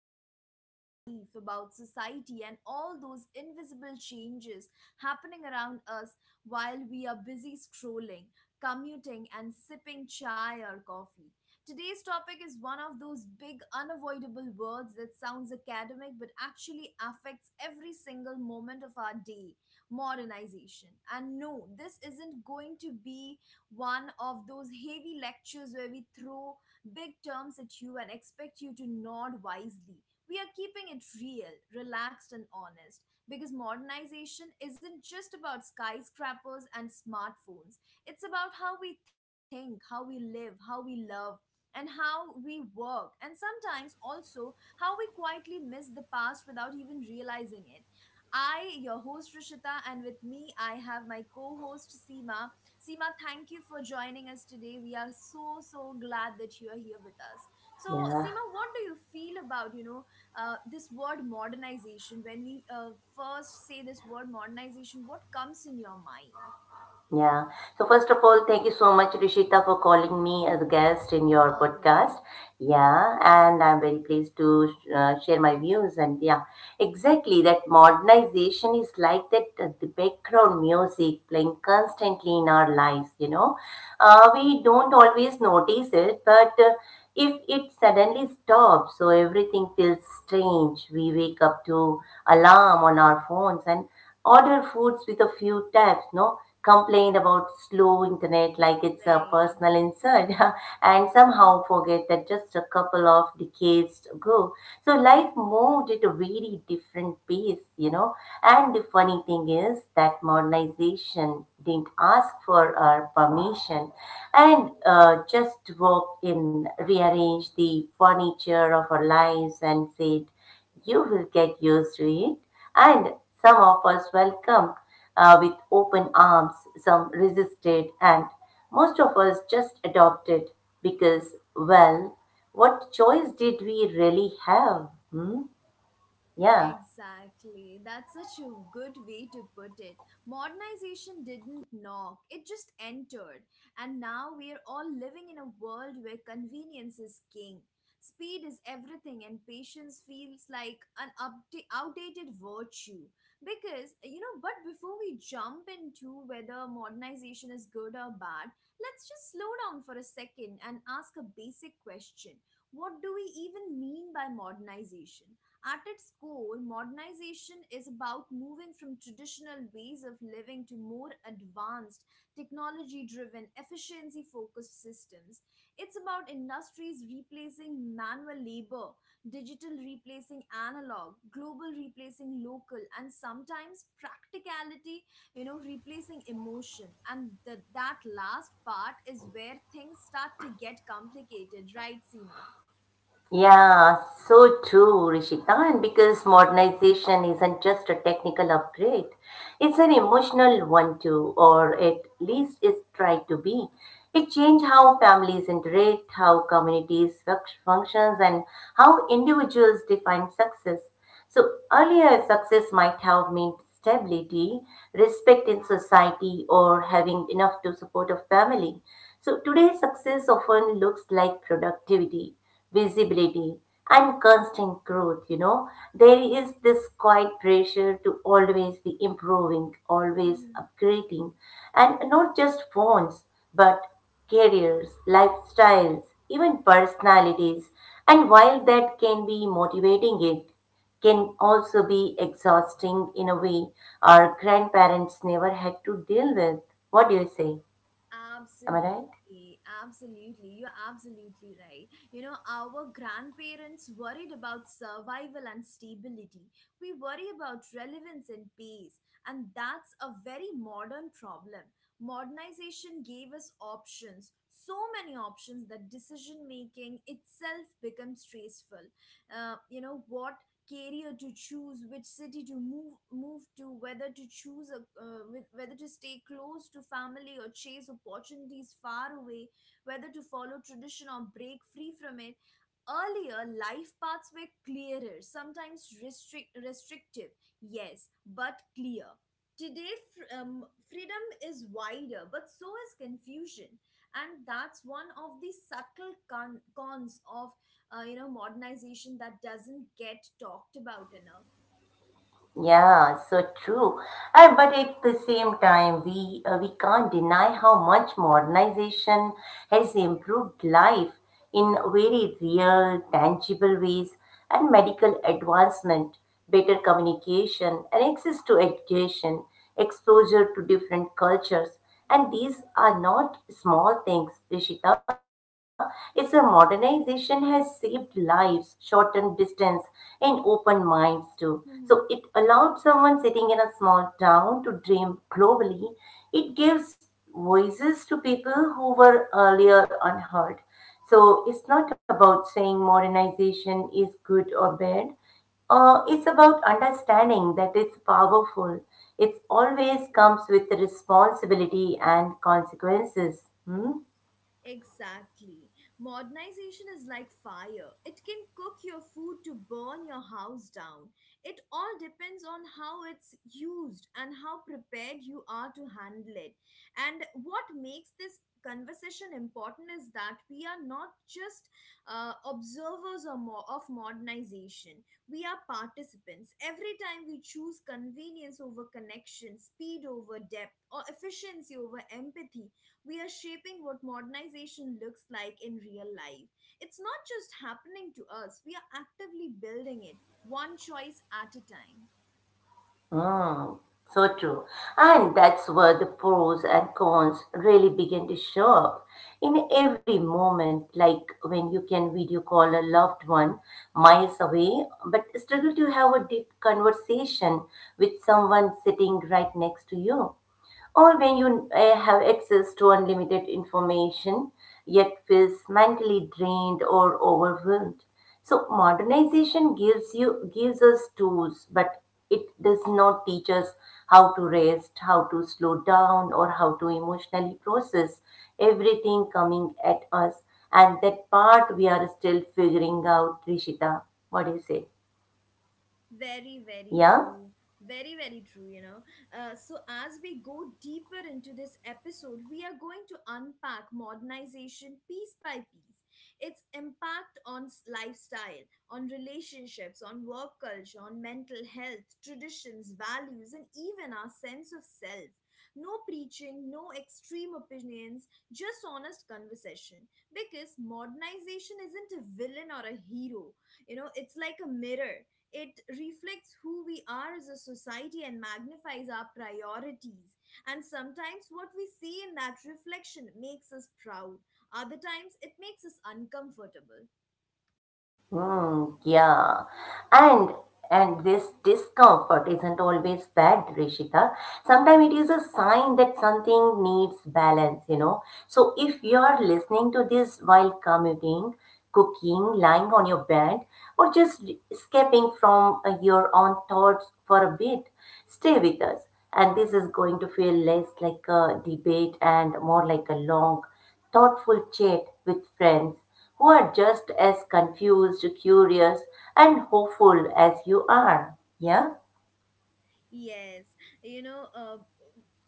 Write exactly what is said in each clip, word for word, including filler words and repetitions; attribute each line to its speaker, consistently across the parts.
Speaker 1: talk about life, about society, and all those invisible changes happening around us while we are busy scrolling, commuting, and sipping chai or coffee. Today's topic is one of those big unavoidable words that sounds academic but actually affects every single moment of our day: modernization. And no, this isn't going to be one of those heavy lectures where we throw big terms at you and expect you to nod wisely. We are keeping it real, relaxed, and honest, because modernization isn't just about skyscrapers and smartphones. It's about how we think, how we live, how we love, and how we work, and sometimes also how we quietly miss the past without even realizing it. I, your host Rishita, and with me I have my co host Seema. Seema, thank you for joining us today. We are so so glad that you are here with us. So, Seema, what do you feel about you know uh, this word modernization? When we uh, first say this word modernization, what comes in your mind? Always, right? Exactly. That's such a good way to put it. Modernization didn't knock, it just entered. And now we are all living in a world where convenience is king. Speed is everything, and patience feels like an upda- outdated virtue. Because, you know, but before we jump into whether modernization is good or bad, let's just slow down for a second and ask a basic question: what do we even mean by modernization? At its core, modernization is about moving from traditional ways of living to more advanced, technology driven, efficiency focused systems. It's about industries replacing manual labor, digital replacing analog, global replacing local, and sometimes practicality, you know, replacing emotion. And the, that last part is where things start to get complicated, right, Seema? Absolutely, absolutely. You're absolutely right. You know, our grandparents worried about survival and stability. We worry about relevance and peace. And that's a very modern problem. Modernization gave us options, so many options that decision making itself becomes stressful. Uh, you know, what career to choose, which city to move move to, whether to choose a uh, with- whether to stay close to family or chase opportunities far away, whether to follow tradition or break free from it. Earlier, life paths were clearer, sometimes restrict, restrictive, yes, but clear. Today, fr- um, freedom is wider, but so is confusion. And that's one of the subtle con- cons of uh, you know modernization that doesn't get talked about enough. Exactly. Modernization is like fire. It can cook your food to burn your house down. It all depends on how it's used and how prepared you are to handle it. And what makes this conversation important is that we are not just uh, observers or mo- of modernization, we are participants. Every time we choose convenience over connection, speed over depth, or efficiency over empathy, we are shaping what modernization looks like in real life. It's not just happening to us, we are actively building it, one choice at a time. Very, very true. Very, very true, you know. Uh, so, as we go deeper into this episode, we are going to unpack modernization piece by piece, its impact on s- lifestyle, on relationships, on work culture, on mental health, traditions, values, and even our sense of self. No preaching, no extreme opinions, just honest conversation. Because modernization isn't a villain or a hero, you know, it's like a mirror: it reflects who we are as a society and magnifies our priorities. And sometimes what we see in that reflection makes us proud, other times it makes us uncomfortable. Yes, you know, uh,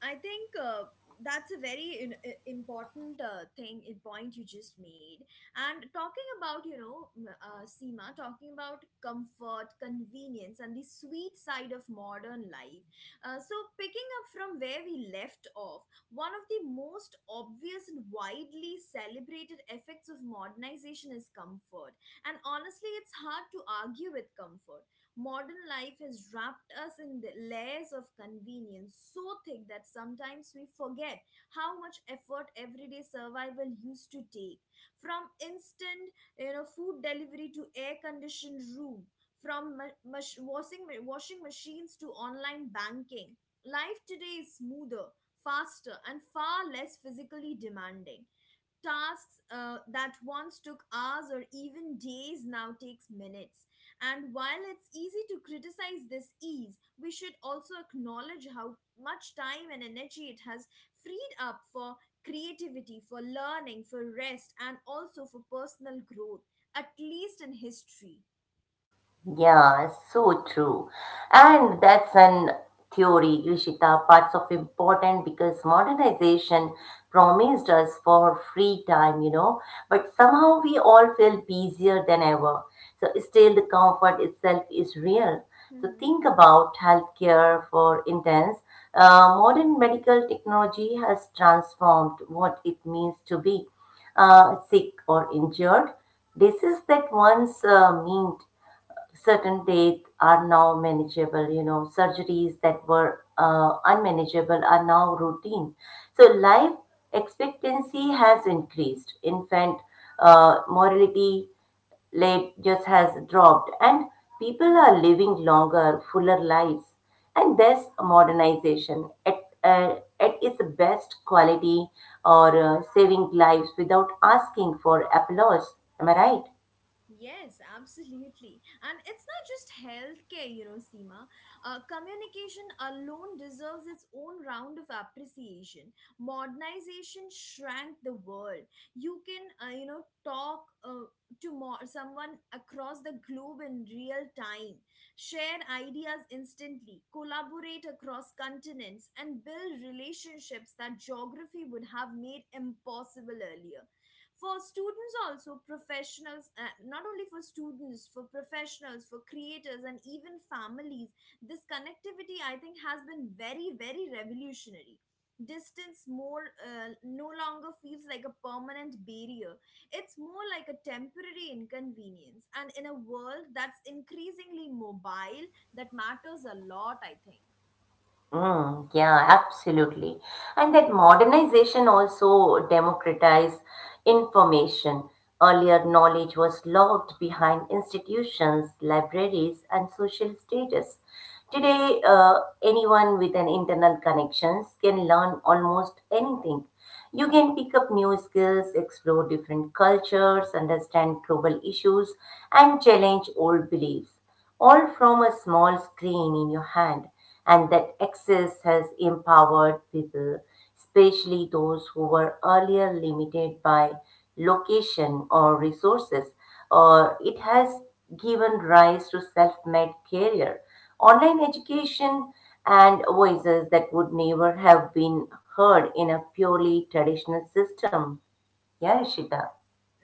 Speaker 1: I think uh, that's a very in- i- important uh, thing, i- point you just made. And talking about, you know, m- uh, Seema, talking about comfort, convenience, and the sweet side of modern life. Uh, so, picking up from where we left off, one of the most obvious and widely celebrated effects of modernization is comfort. And honestly, it's hard to argue with comfort. Modern life has wrapped us in the layers of convenience so thick that sometimes we forget how much effort everyday survival used to take. From instant, you know, food delivery to air-conditioned room, from ma- mach- washing washing machines to online banking, life today is smoother, faster, and far less physically demanding. Tasks uh, that once took hours or even days now takes minutes. And while it's easy to criticize this ease, we should also acknowledge how much time and energy it has freed up for creativity, for learning, for rest, and also for personal growth, at least in history. Hmm. Hmm. Yes, absolutely. And it's not just healthcare, you know, Seema. Uh, communication alone deserves its own round of appreciation. Modernization shrank the world. You can, uh, you know, talk uh, to more, Someone across the globe in real time, share ideas instantly, collaborate across continents, and build relationships that geography would have made impossible earlier, for students, also professionals. Uh, not only for students, for professionals, for creators, and even families, this connectivity I think has been very very revolutionary. Distance more uh, No longer feels like a permanent barrier, it's more like a temporary inconvenience, and in a world that's increasingly mobile, that matters a lot I think.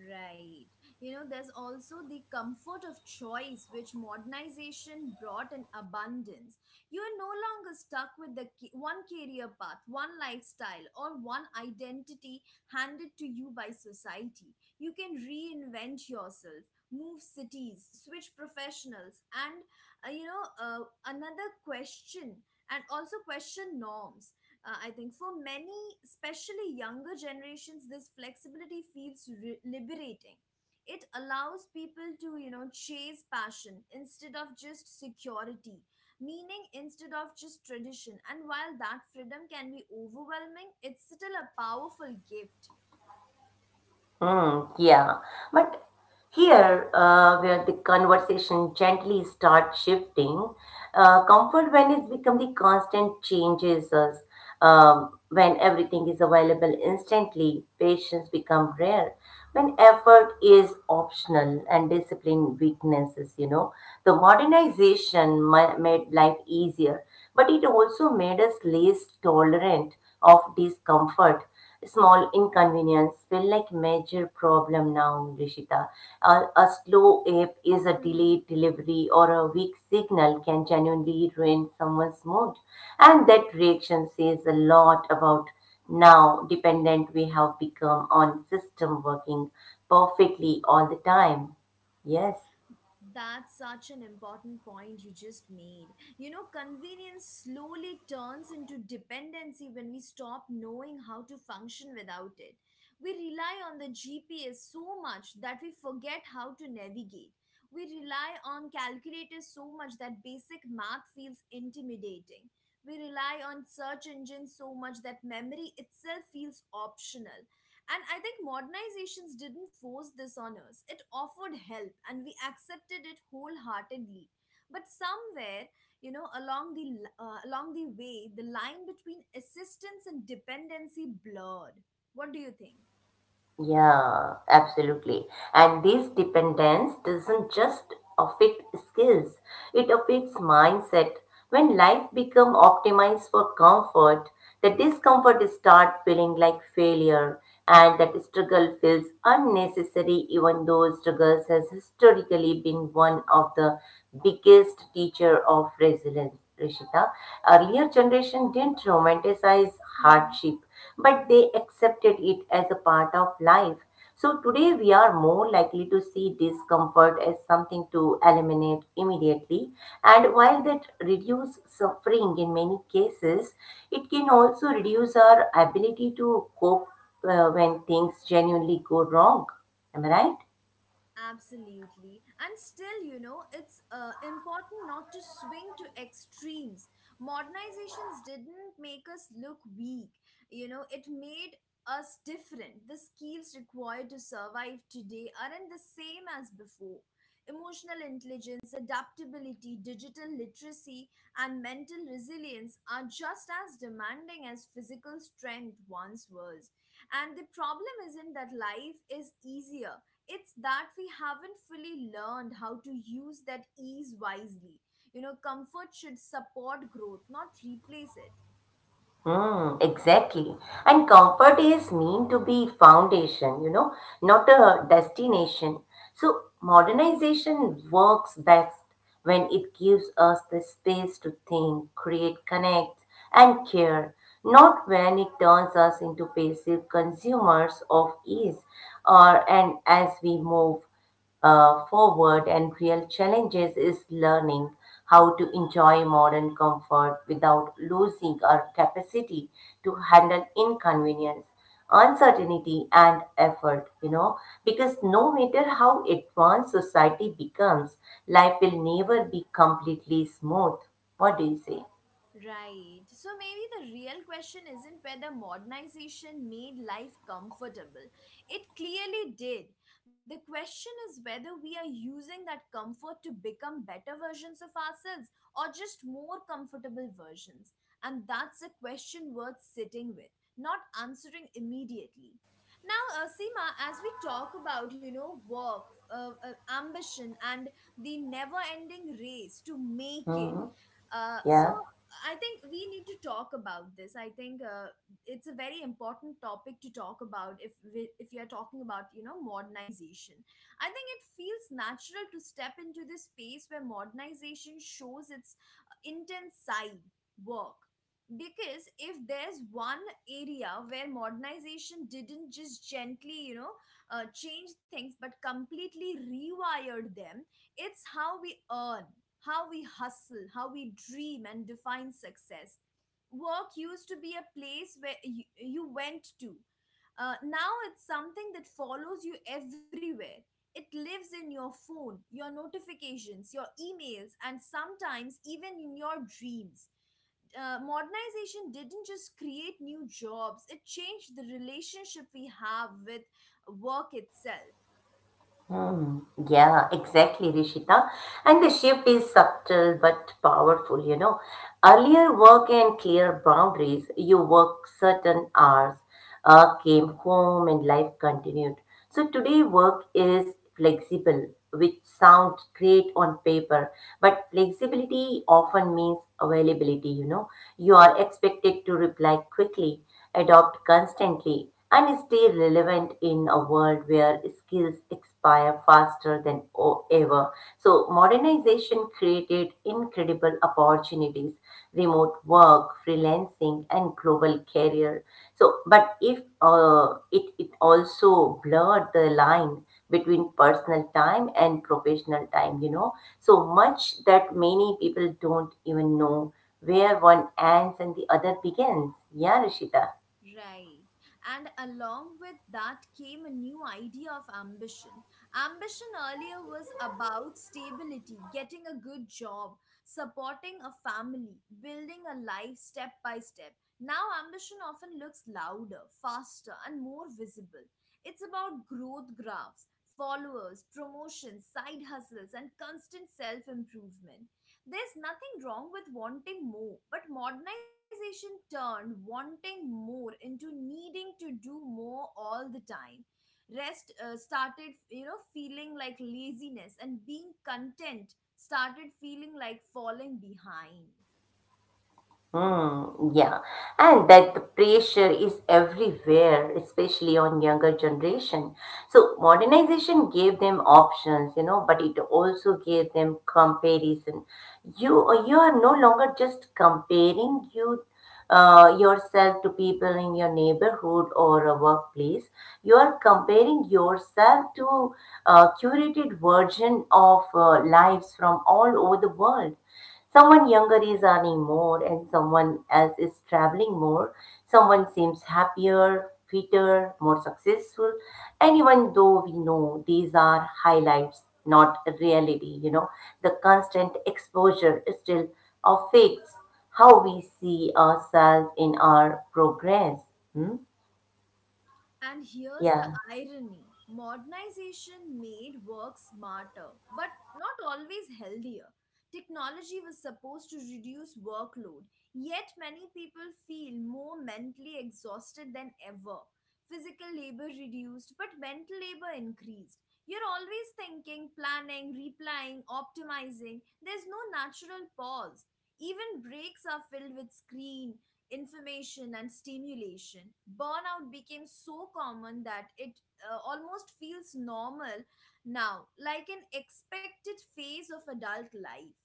Speaker 1: Right. You know, there's also the comfort of choice, which modernization brought in abundance. You are no longer stuck with the ca- one career path, one lifestyle, or one identity handed to you by society. You can reinvent yourself, move cities, switch professionals, and uh, you know, uh, another question, and also question norms. uh, I think for many, especially younger generations, this flexibility feels re- liberating. It allows people to, you know, chase passion instead of just security, meaning instead of just tradition, and while that freedom can be overwhelming, it's still a powerful gift. That's such an important point you just made. You know, convenience slowly turns into dependency when we stop knowing how to function without it. We rely on the G P S so much that we forget how to navigate. We rely on calculators so much that basic math feels intimidating. We rely on search engines so much that memory itself feels optional. And I think modernizations didn't force this on us. It offered help and we accepted it wholeheartedly. But somewhere, you know, along the l- uh, along the way, the line between assistance and dependency blurred. What do you think? Absolutely. And still, you know, it's uh, important not to swing to extremes. Modernizations didn't make us look weak, you know, it made us different. The skills required to survive today aren't the same as before. Emotional intelligence, adaptability, digital literacy, and mental resilience are just as demanding as physical strength once was. And the problem isn't that life is easier, it's that we haven't fully learned how to use that ease wisely. You know, comfort should support growth, not replace it. Right. So maybe the real question isn't whether modernization made life comfortable. It clearly did. The question is whether we are using that comfort to become better versions of ourselves or just more comfortable versions. And that's a question worth sitting with, not answering immediately. Now, uh, Seema, as we talk about, you know, work, uh, uh, ambition, and the never ending race to make it, uh, so I think we need to talk about this. I think uh, it's a very important topic to talk about if we, if you are talking about, you know, modernization. I think it feels natural to step into this space where modernization shows its intense side: work. Because if there's one area where modernization didn't just gently, you know, uh, change things but completely rewired them, it's how we earn, how we hustle, how we dream and define success. Work used to be a place where you, you went to. Uh, now it's something that follows you everywhere. It lives in your phone, your notifications, your emails, and sometimes even in your dreams. Uh, modernization didn't just create new jobs, it changed the relationship we have with work itself. Right. And along with that came a new idea of ambition. Ambition earlier was about stability, getting a good job, supporting a family, building a life step by step. Now, ambition often looks louder, faster, and more visible. It's about growth graphs, followers, promotions, side hustles, and constant self improvement. There's nothing wrong with wanting more, but modernization turned wanting more into needing to do more all the time. Rest uh, started, you know, feeling like laziness, and being content started feeling like falling behind. And here's the irony: modernization made work smarter, but not always healthier. Technology was supposed to reduce workload, yet many people feel more mentally exhausted than ever. Physical labor reduced, but mental labor increased. You're always thinking, planning, replying, optimizing. There's no natural pause. Even breaks are filled with screen, information and stimulation. Burnout became so common that it uh, almost feels normal now, like an expected phase of adult life.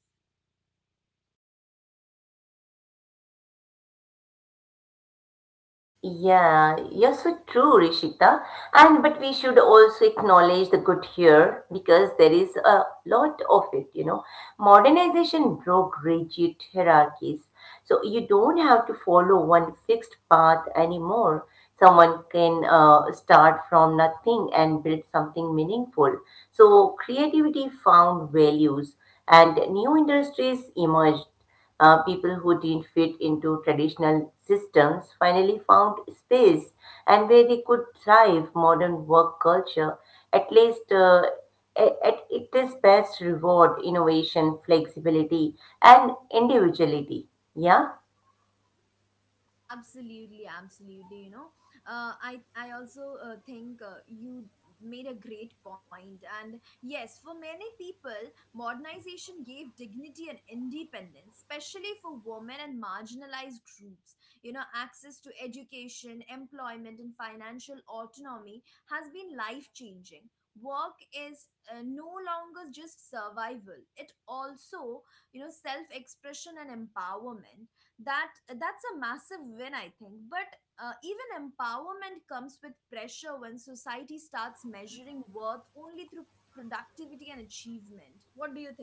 Speaker 1: Absolutely, absolutely. You know uh, i i also uh, think uh, you made a great point point. And yes, for many people, modernization gave dignity and independence, especially for women and marginalized groups. You know, access to education, employment and financial autonomy has been life changing. Work is uh, no longer just survival, it also, you know, self expression and empowerment. That that's a massive win, I think. But uh, even empowerment comes with pressure when society starts measuring worth only through productivity and achievement. What do you think?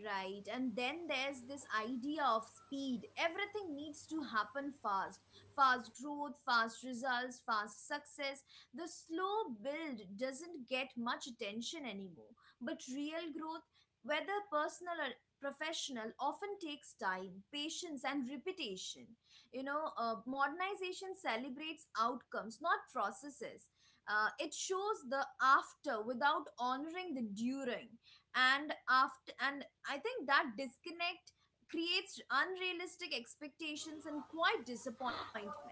Speaker 1: Right, and then there's this idea of speed. Everything needs to happen fast. Fast growth, fast results, fast success. The slow build doesn't get much attention anymore. But real growth, whether personal or professional, often takes time, patience, and repetition. You know, uh, modernization celebrates outcomes, not processes. Uh, it shows the after without honoring the during and after. And I think that disconnect creates unrealistic expectations and quite disappointment.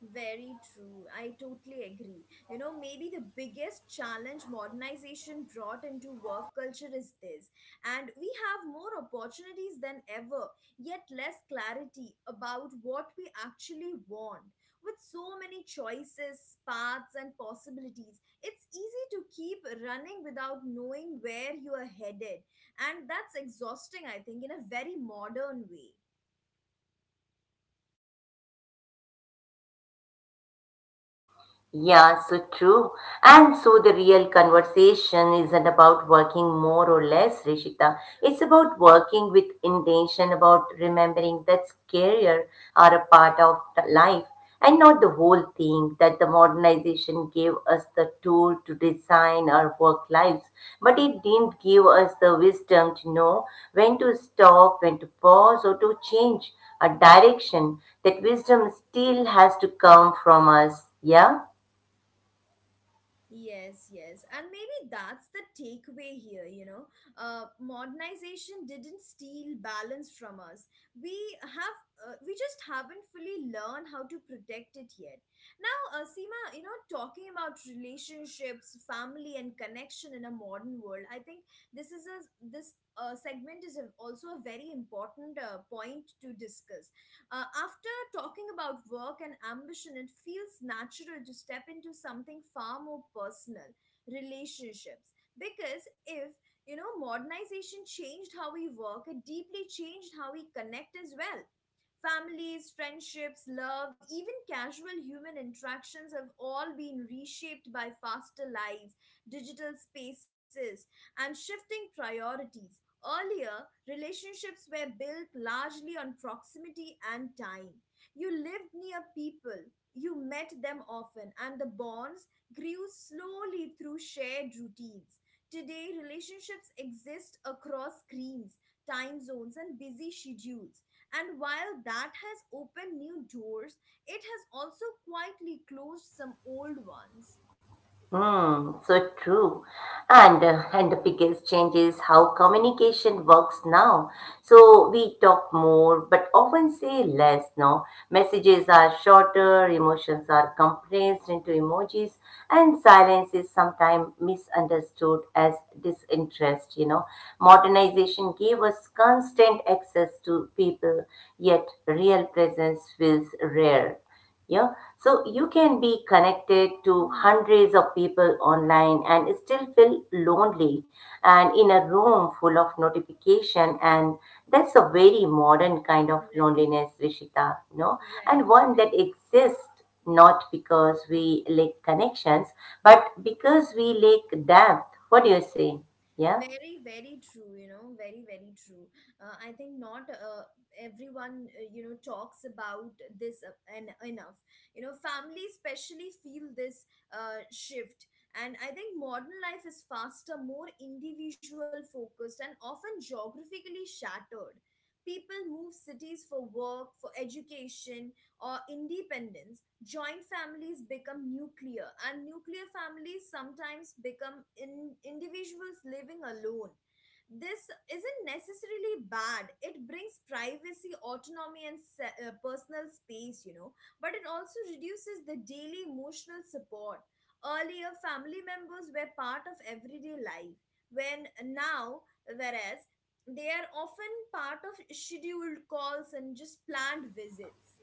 Speaker 1: Very true. I totally agree. You know, maybe the biggest challenge modernization brought into work culture is this. And we have more opportunities than ever, yet less clarity about what we actually want. With so many choices, paths, and possibilities, it's easy to keep running without knowing where you are headed. And that's exhausting, I think, in a very modern way. Yes, yes. And maybe that's the takeaway here, you know. Uh, modernization didn't steal balance from us. We have, uh, we just haven't fully learned how to protect it yet. Now, uh, Seema, you know, talking about relationships, family, and connection in a modern world, I think this is a this uh, segment is a, also a very important uh, point to discuss. Uh, after talking about work and ambition, it feels natural to step into something far more personal, relationships. Because if, you know, modernization changed how we work, it deeply changed how we connect as well. Families, friendships, love, even casual human interactions have all been reshaped by faster lives, digital spaces, and shifting priorities. Earlier, relationships were built largely on proximity and time. You lived near people, you met them often, and the bonds grew slowly through shared routines. Today, relationships exist across screens, time zones, and busy schedules. And while that has opened new doors, it has also quietly closed some old ones. Hmm. Right, right. Very, very true, you know, very, very true. Uh, I think not uh, everyone, uh, you know, talks about this uh, en- enough. You know, family especially feel this uh, shift. And I think modern life is faster, more individual focused, and often geographically shattered. People move cities for work, for education, or independence. Joint families become nuclear, and nuclear families sometimes become in, individuals living alone. This isn't necessarily bad. It brings privacy, autonomy, and se- uh, personal space, you know, but it also reduces the daily emotional support. Earlier, family members were part of everyday life, when now, whereas they are often part of scheduled calls and just planned visits.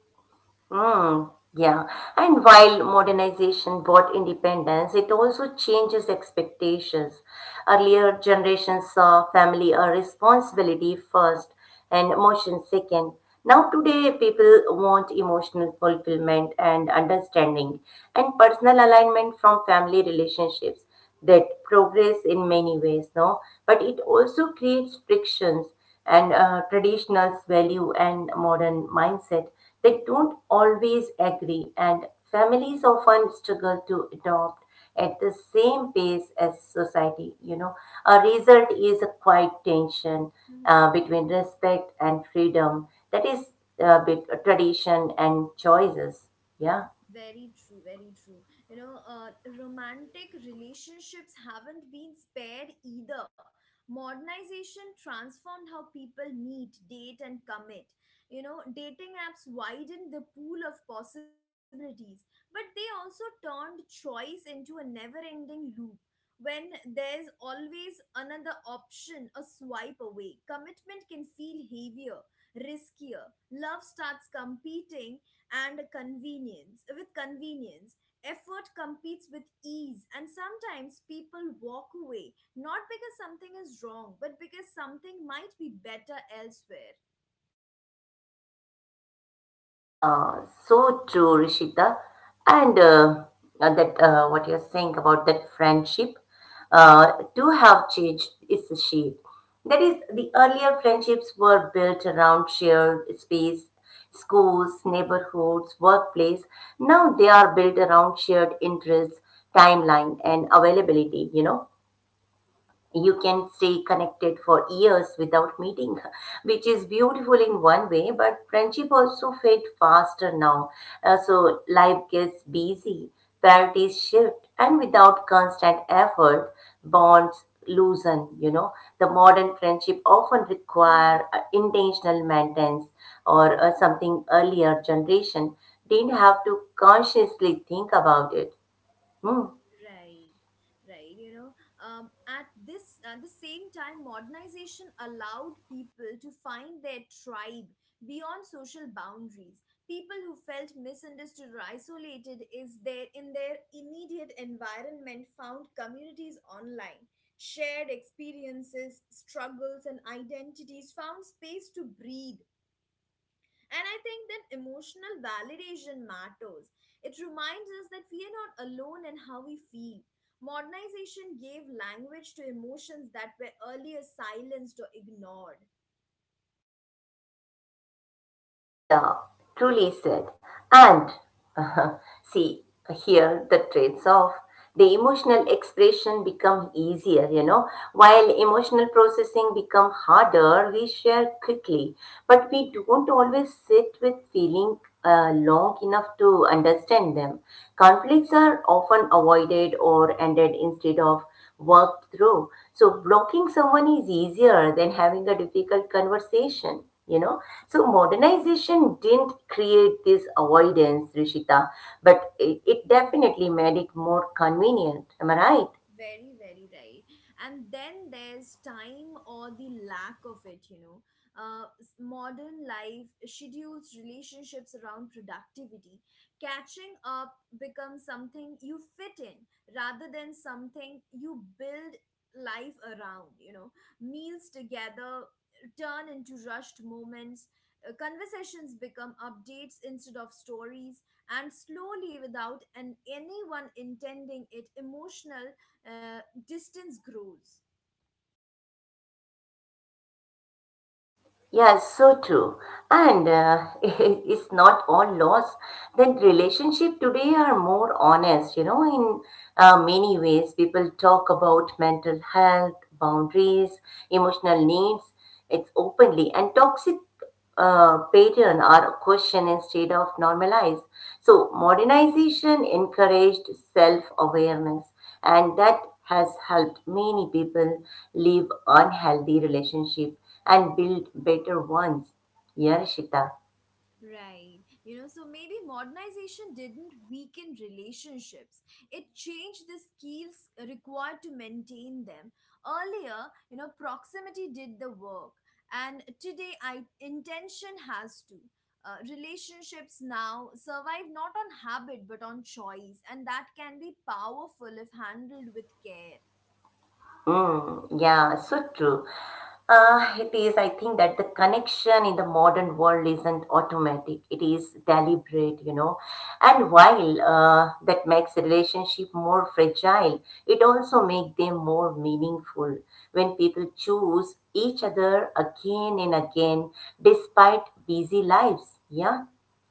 Speaker 1: Mm-hmm. Very true, very true. You know, uh, romantic relationships haven't been spared either. Modernization transformed how people meet, date, and commit. You know, dating apps widened the pool of possibilities, but they also turned choice into a never ending loop. When there's always another option, a swipe away, commitment can feel heavier, riskier. Love starts competing and convenience with convenience, effort competes with ease, and sometimes people walk away not because something is wrong, but because something might be better elsewhere. Mhm. Right, right. You know, um, at this at the same time, modernization allowed people to find their tribe beyond social boundaries. People who felt misunderstood or isolated is there in their immediate environment found communities online. Shared experiences, struggles, and identities found space to breathe. And I think that emotional validation matters. It reminds us that we are not alone in how we feel. Modernization gave language to emotions that were earlier silenced or ignored. Very, very right. And then there's time, or the lack of it, you know. Uh, s- modern life schedules relationships around productivity. Catching up becomes something you fit in rather than something you build life around, you know. Meals together turn into rushed moments, uh, conversations become updates instead of stories, and slowly, without an anyone intending it, emotional uh, distance grows. Right. You know, so maybe modernization didn't weaken relationships. It changed the skills required to maintain them. Earlier, you know, proximity did the work. And today, I, intention has to. Uh, relationships now survive not on habit but on choice, and that can be powerful if handled with care.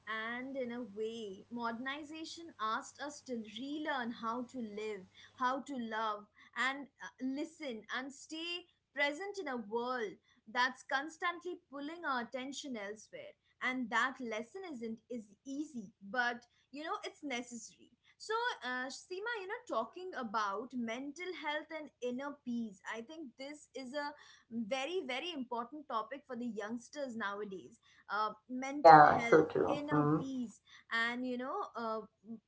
Speaker 1: And in a way, modernization asked us to relearn how to live, how to love, and uh, listen and stay present in a world that's constantly pulling our attention elsewhere. And that lesson isn't is easy, but you know, it's necessary. So, uh, Seema, you know, talking about mental health and inner peace, I think this is a very, very important topic for the youngsters nowadays. Uh, mental health, inner peace, and you know, uh,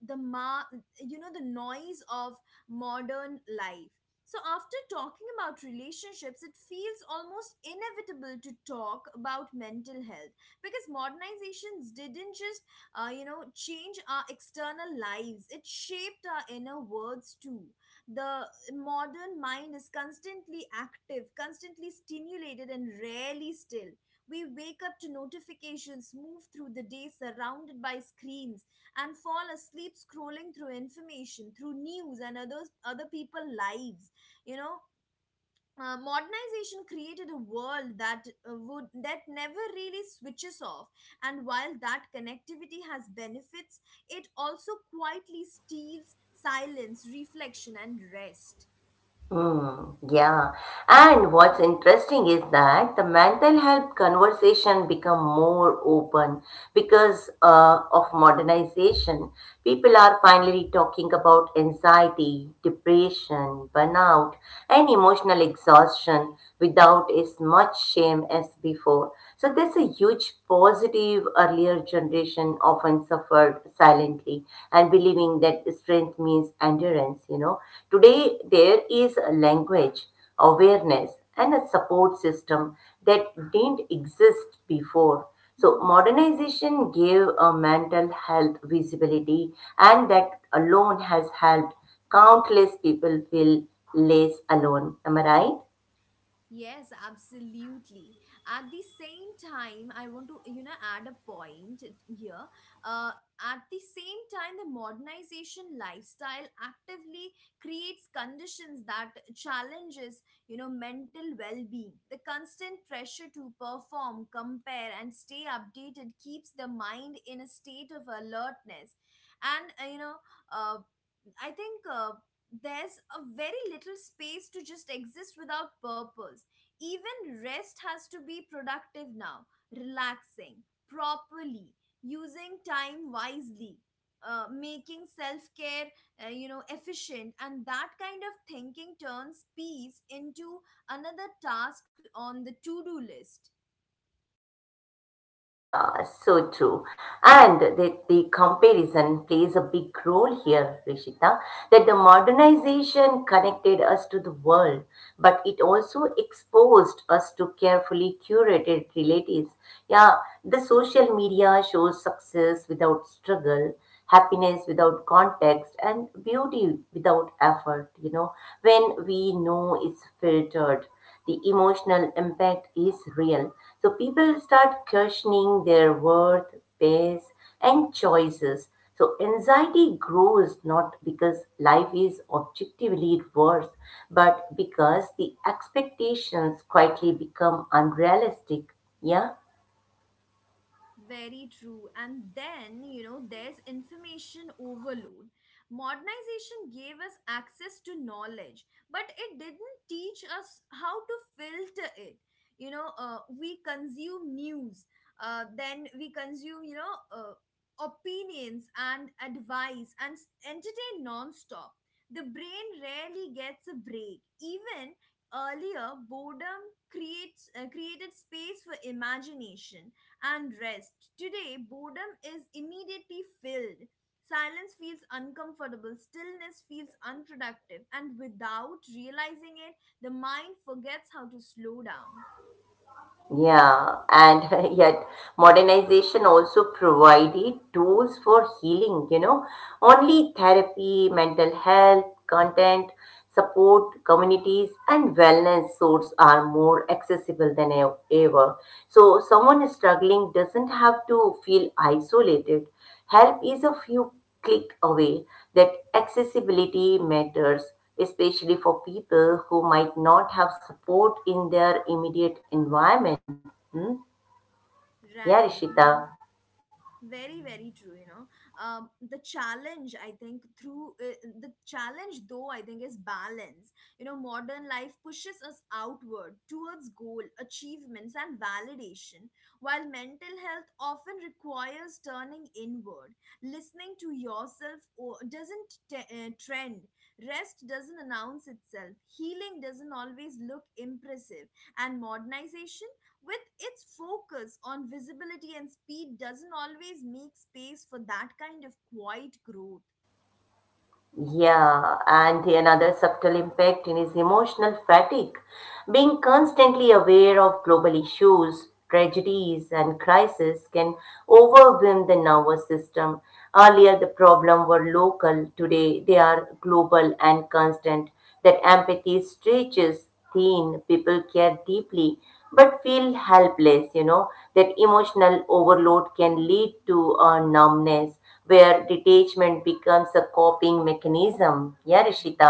Speaker 1: the ma- you know, the noise of modern life. So after talking about relationships, it feels almost inevitable to talk about mental health, because modernizations didn't just uh, you know, change our external lives, it shaped our inner worlds too. The modern mind is constantly active, constantly stimulated, and rarely still. We wake up to notifications, move through the day surrounded by screens, and fall asleep scrolling through information, through news and others other people's lives. You know, uh, modernization created a world that uh, would that never really switches off. And while that connectivity has benefits, it also quietly steals silence, reflection, and rest. Mm-hmm. Yes, absolutely. At the same time, I want to, you know, add a point here. Uh, at the same time, the modernization lifestyle actively creates conditions that challenges, you know, mental well-being. The constant pressure to perform, compare, and stay updated keeps the mind in a state of alertness, and uh, you know, uh, I think uh, there's a very little space to just exist without purpose. Even rest has to be productive now, relaxing properly, using time wisely. Uh, making self-care uh, you know, efficient, and that kind of thinking turns peace into another task on the to-do list. Very true. And then, you know, there's information overload. Modernization gave us access to knowledge, but it didn't teach us how to filter it. You know, uh, we consume news, uh, then we consume, you know, uh, opinions and advice, and s- entertain nonstop. The brain rarely gets a break. Even earlier, boredom creates uh, created space for imagination and rest. Today, boredom is immediately filled. Silence feels uncomfortable, stillness feels unproductive, and without realizing it, the mind forgets how to slow down. Right, you know, very, very true, you know. Um, the challenge, I think, through uh, the challenge, though, I think, is balance. You know, modern life pushes us outward towards goal, achievements, and validation, while mental health often requires turning inward. Listening to yourself or doesn't t- uh, trend, rest doesn't announce itself, healing doesn't always look impressive, and modernization, with its focus on visibility and speed, doesn't always make space for that kind of quiet growth. Right,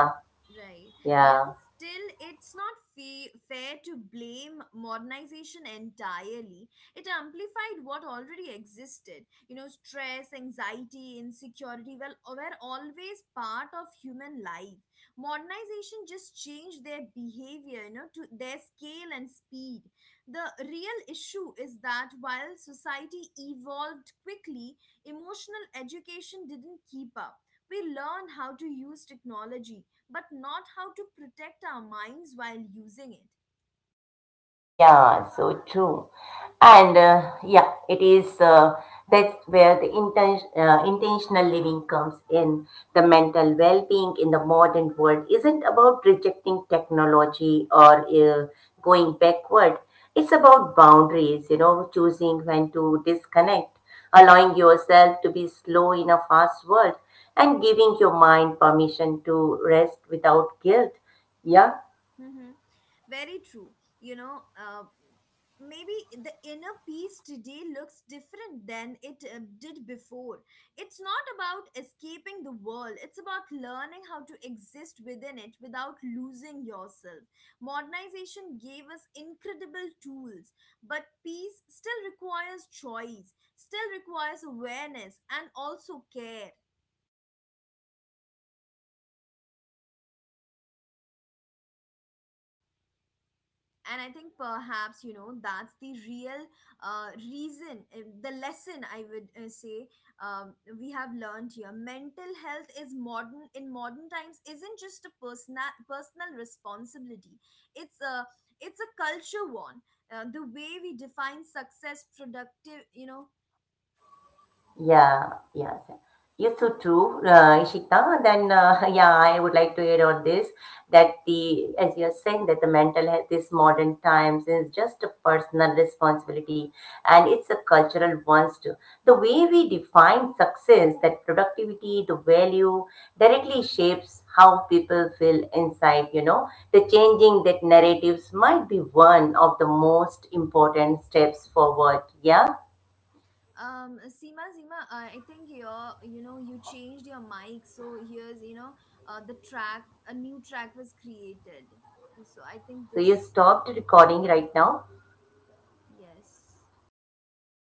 Speaker 1: right. You know, still, it's not fa- fair to blame modernization entirely. It amplified what already existed. You know, stress, anxiety, insecurity well, were always part of human life. Modernization just changed their behavior, you know, to their scale and speed. The real issue is that while society evolved quickly, emotional education didn't keep up. We learn how to use technology, but not how to protect our minds while using it. Mm-hmm. Very true. You know, uh, maybe the inner peace today looks different than it uh, did before. It's not about escaping the world, it's about learning how to exist within it without losing yourself. Modernization gave us incredible tools, but peace still requires choice, still requires awareness, and also care. And I think perhaps, you know, that's the real uh, reason uh, the lesson I would uh, say um, we have learned here. Mental health is modern in modern times isn't just a personal personal responsibility, it's a it's a culture one. Uh, the way we define success, productive, you know.
Speaker 2: Yeah, yes. Yes, so true, uh, Ishita. Then, uh, yeah, I would like to add on this that the, as you're saying, that the mental health is modern times is just a personal responsibility and it's a cultural one too. The way we define success, that productivity, the value directly shapes how people feel inside, you know. The changing that narratives might be one of the most important steps forward. Yeah.
Speaker 1: Um seema seema uh, I think your, you know, you changed your mic, so here's you know, uh, the track a new track was created, and so I think
Speaker 2: So
Speaker 1: this.
Speaker 2: you stopped recording right now?
Speaker 1: Yes.
Speaker 2: Okay.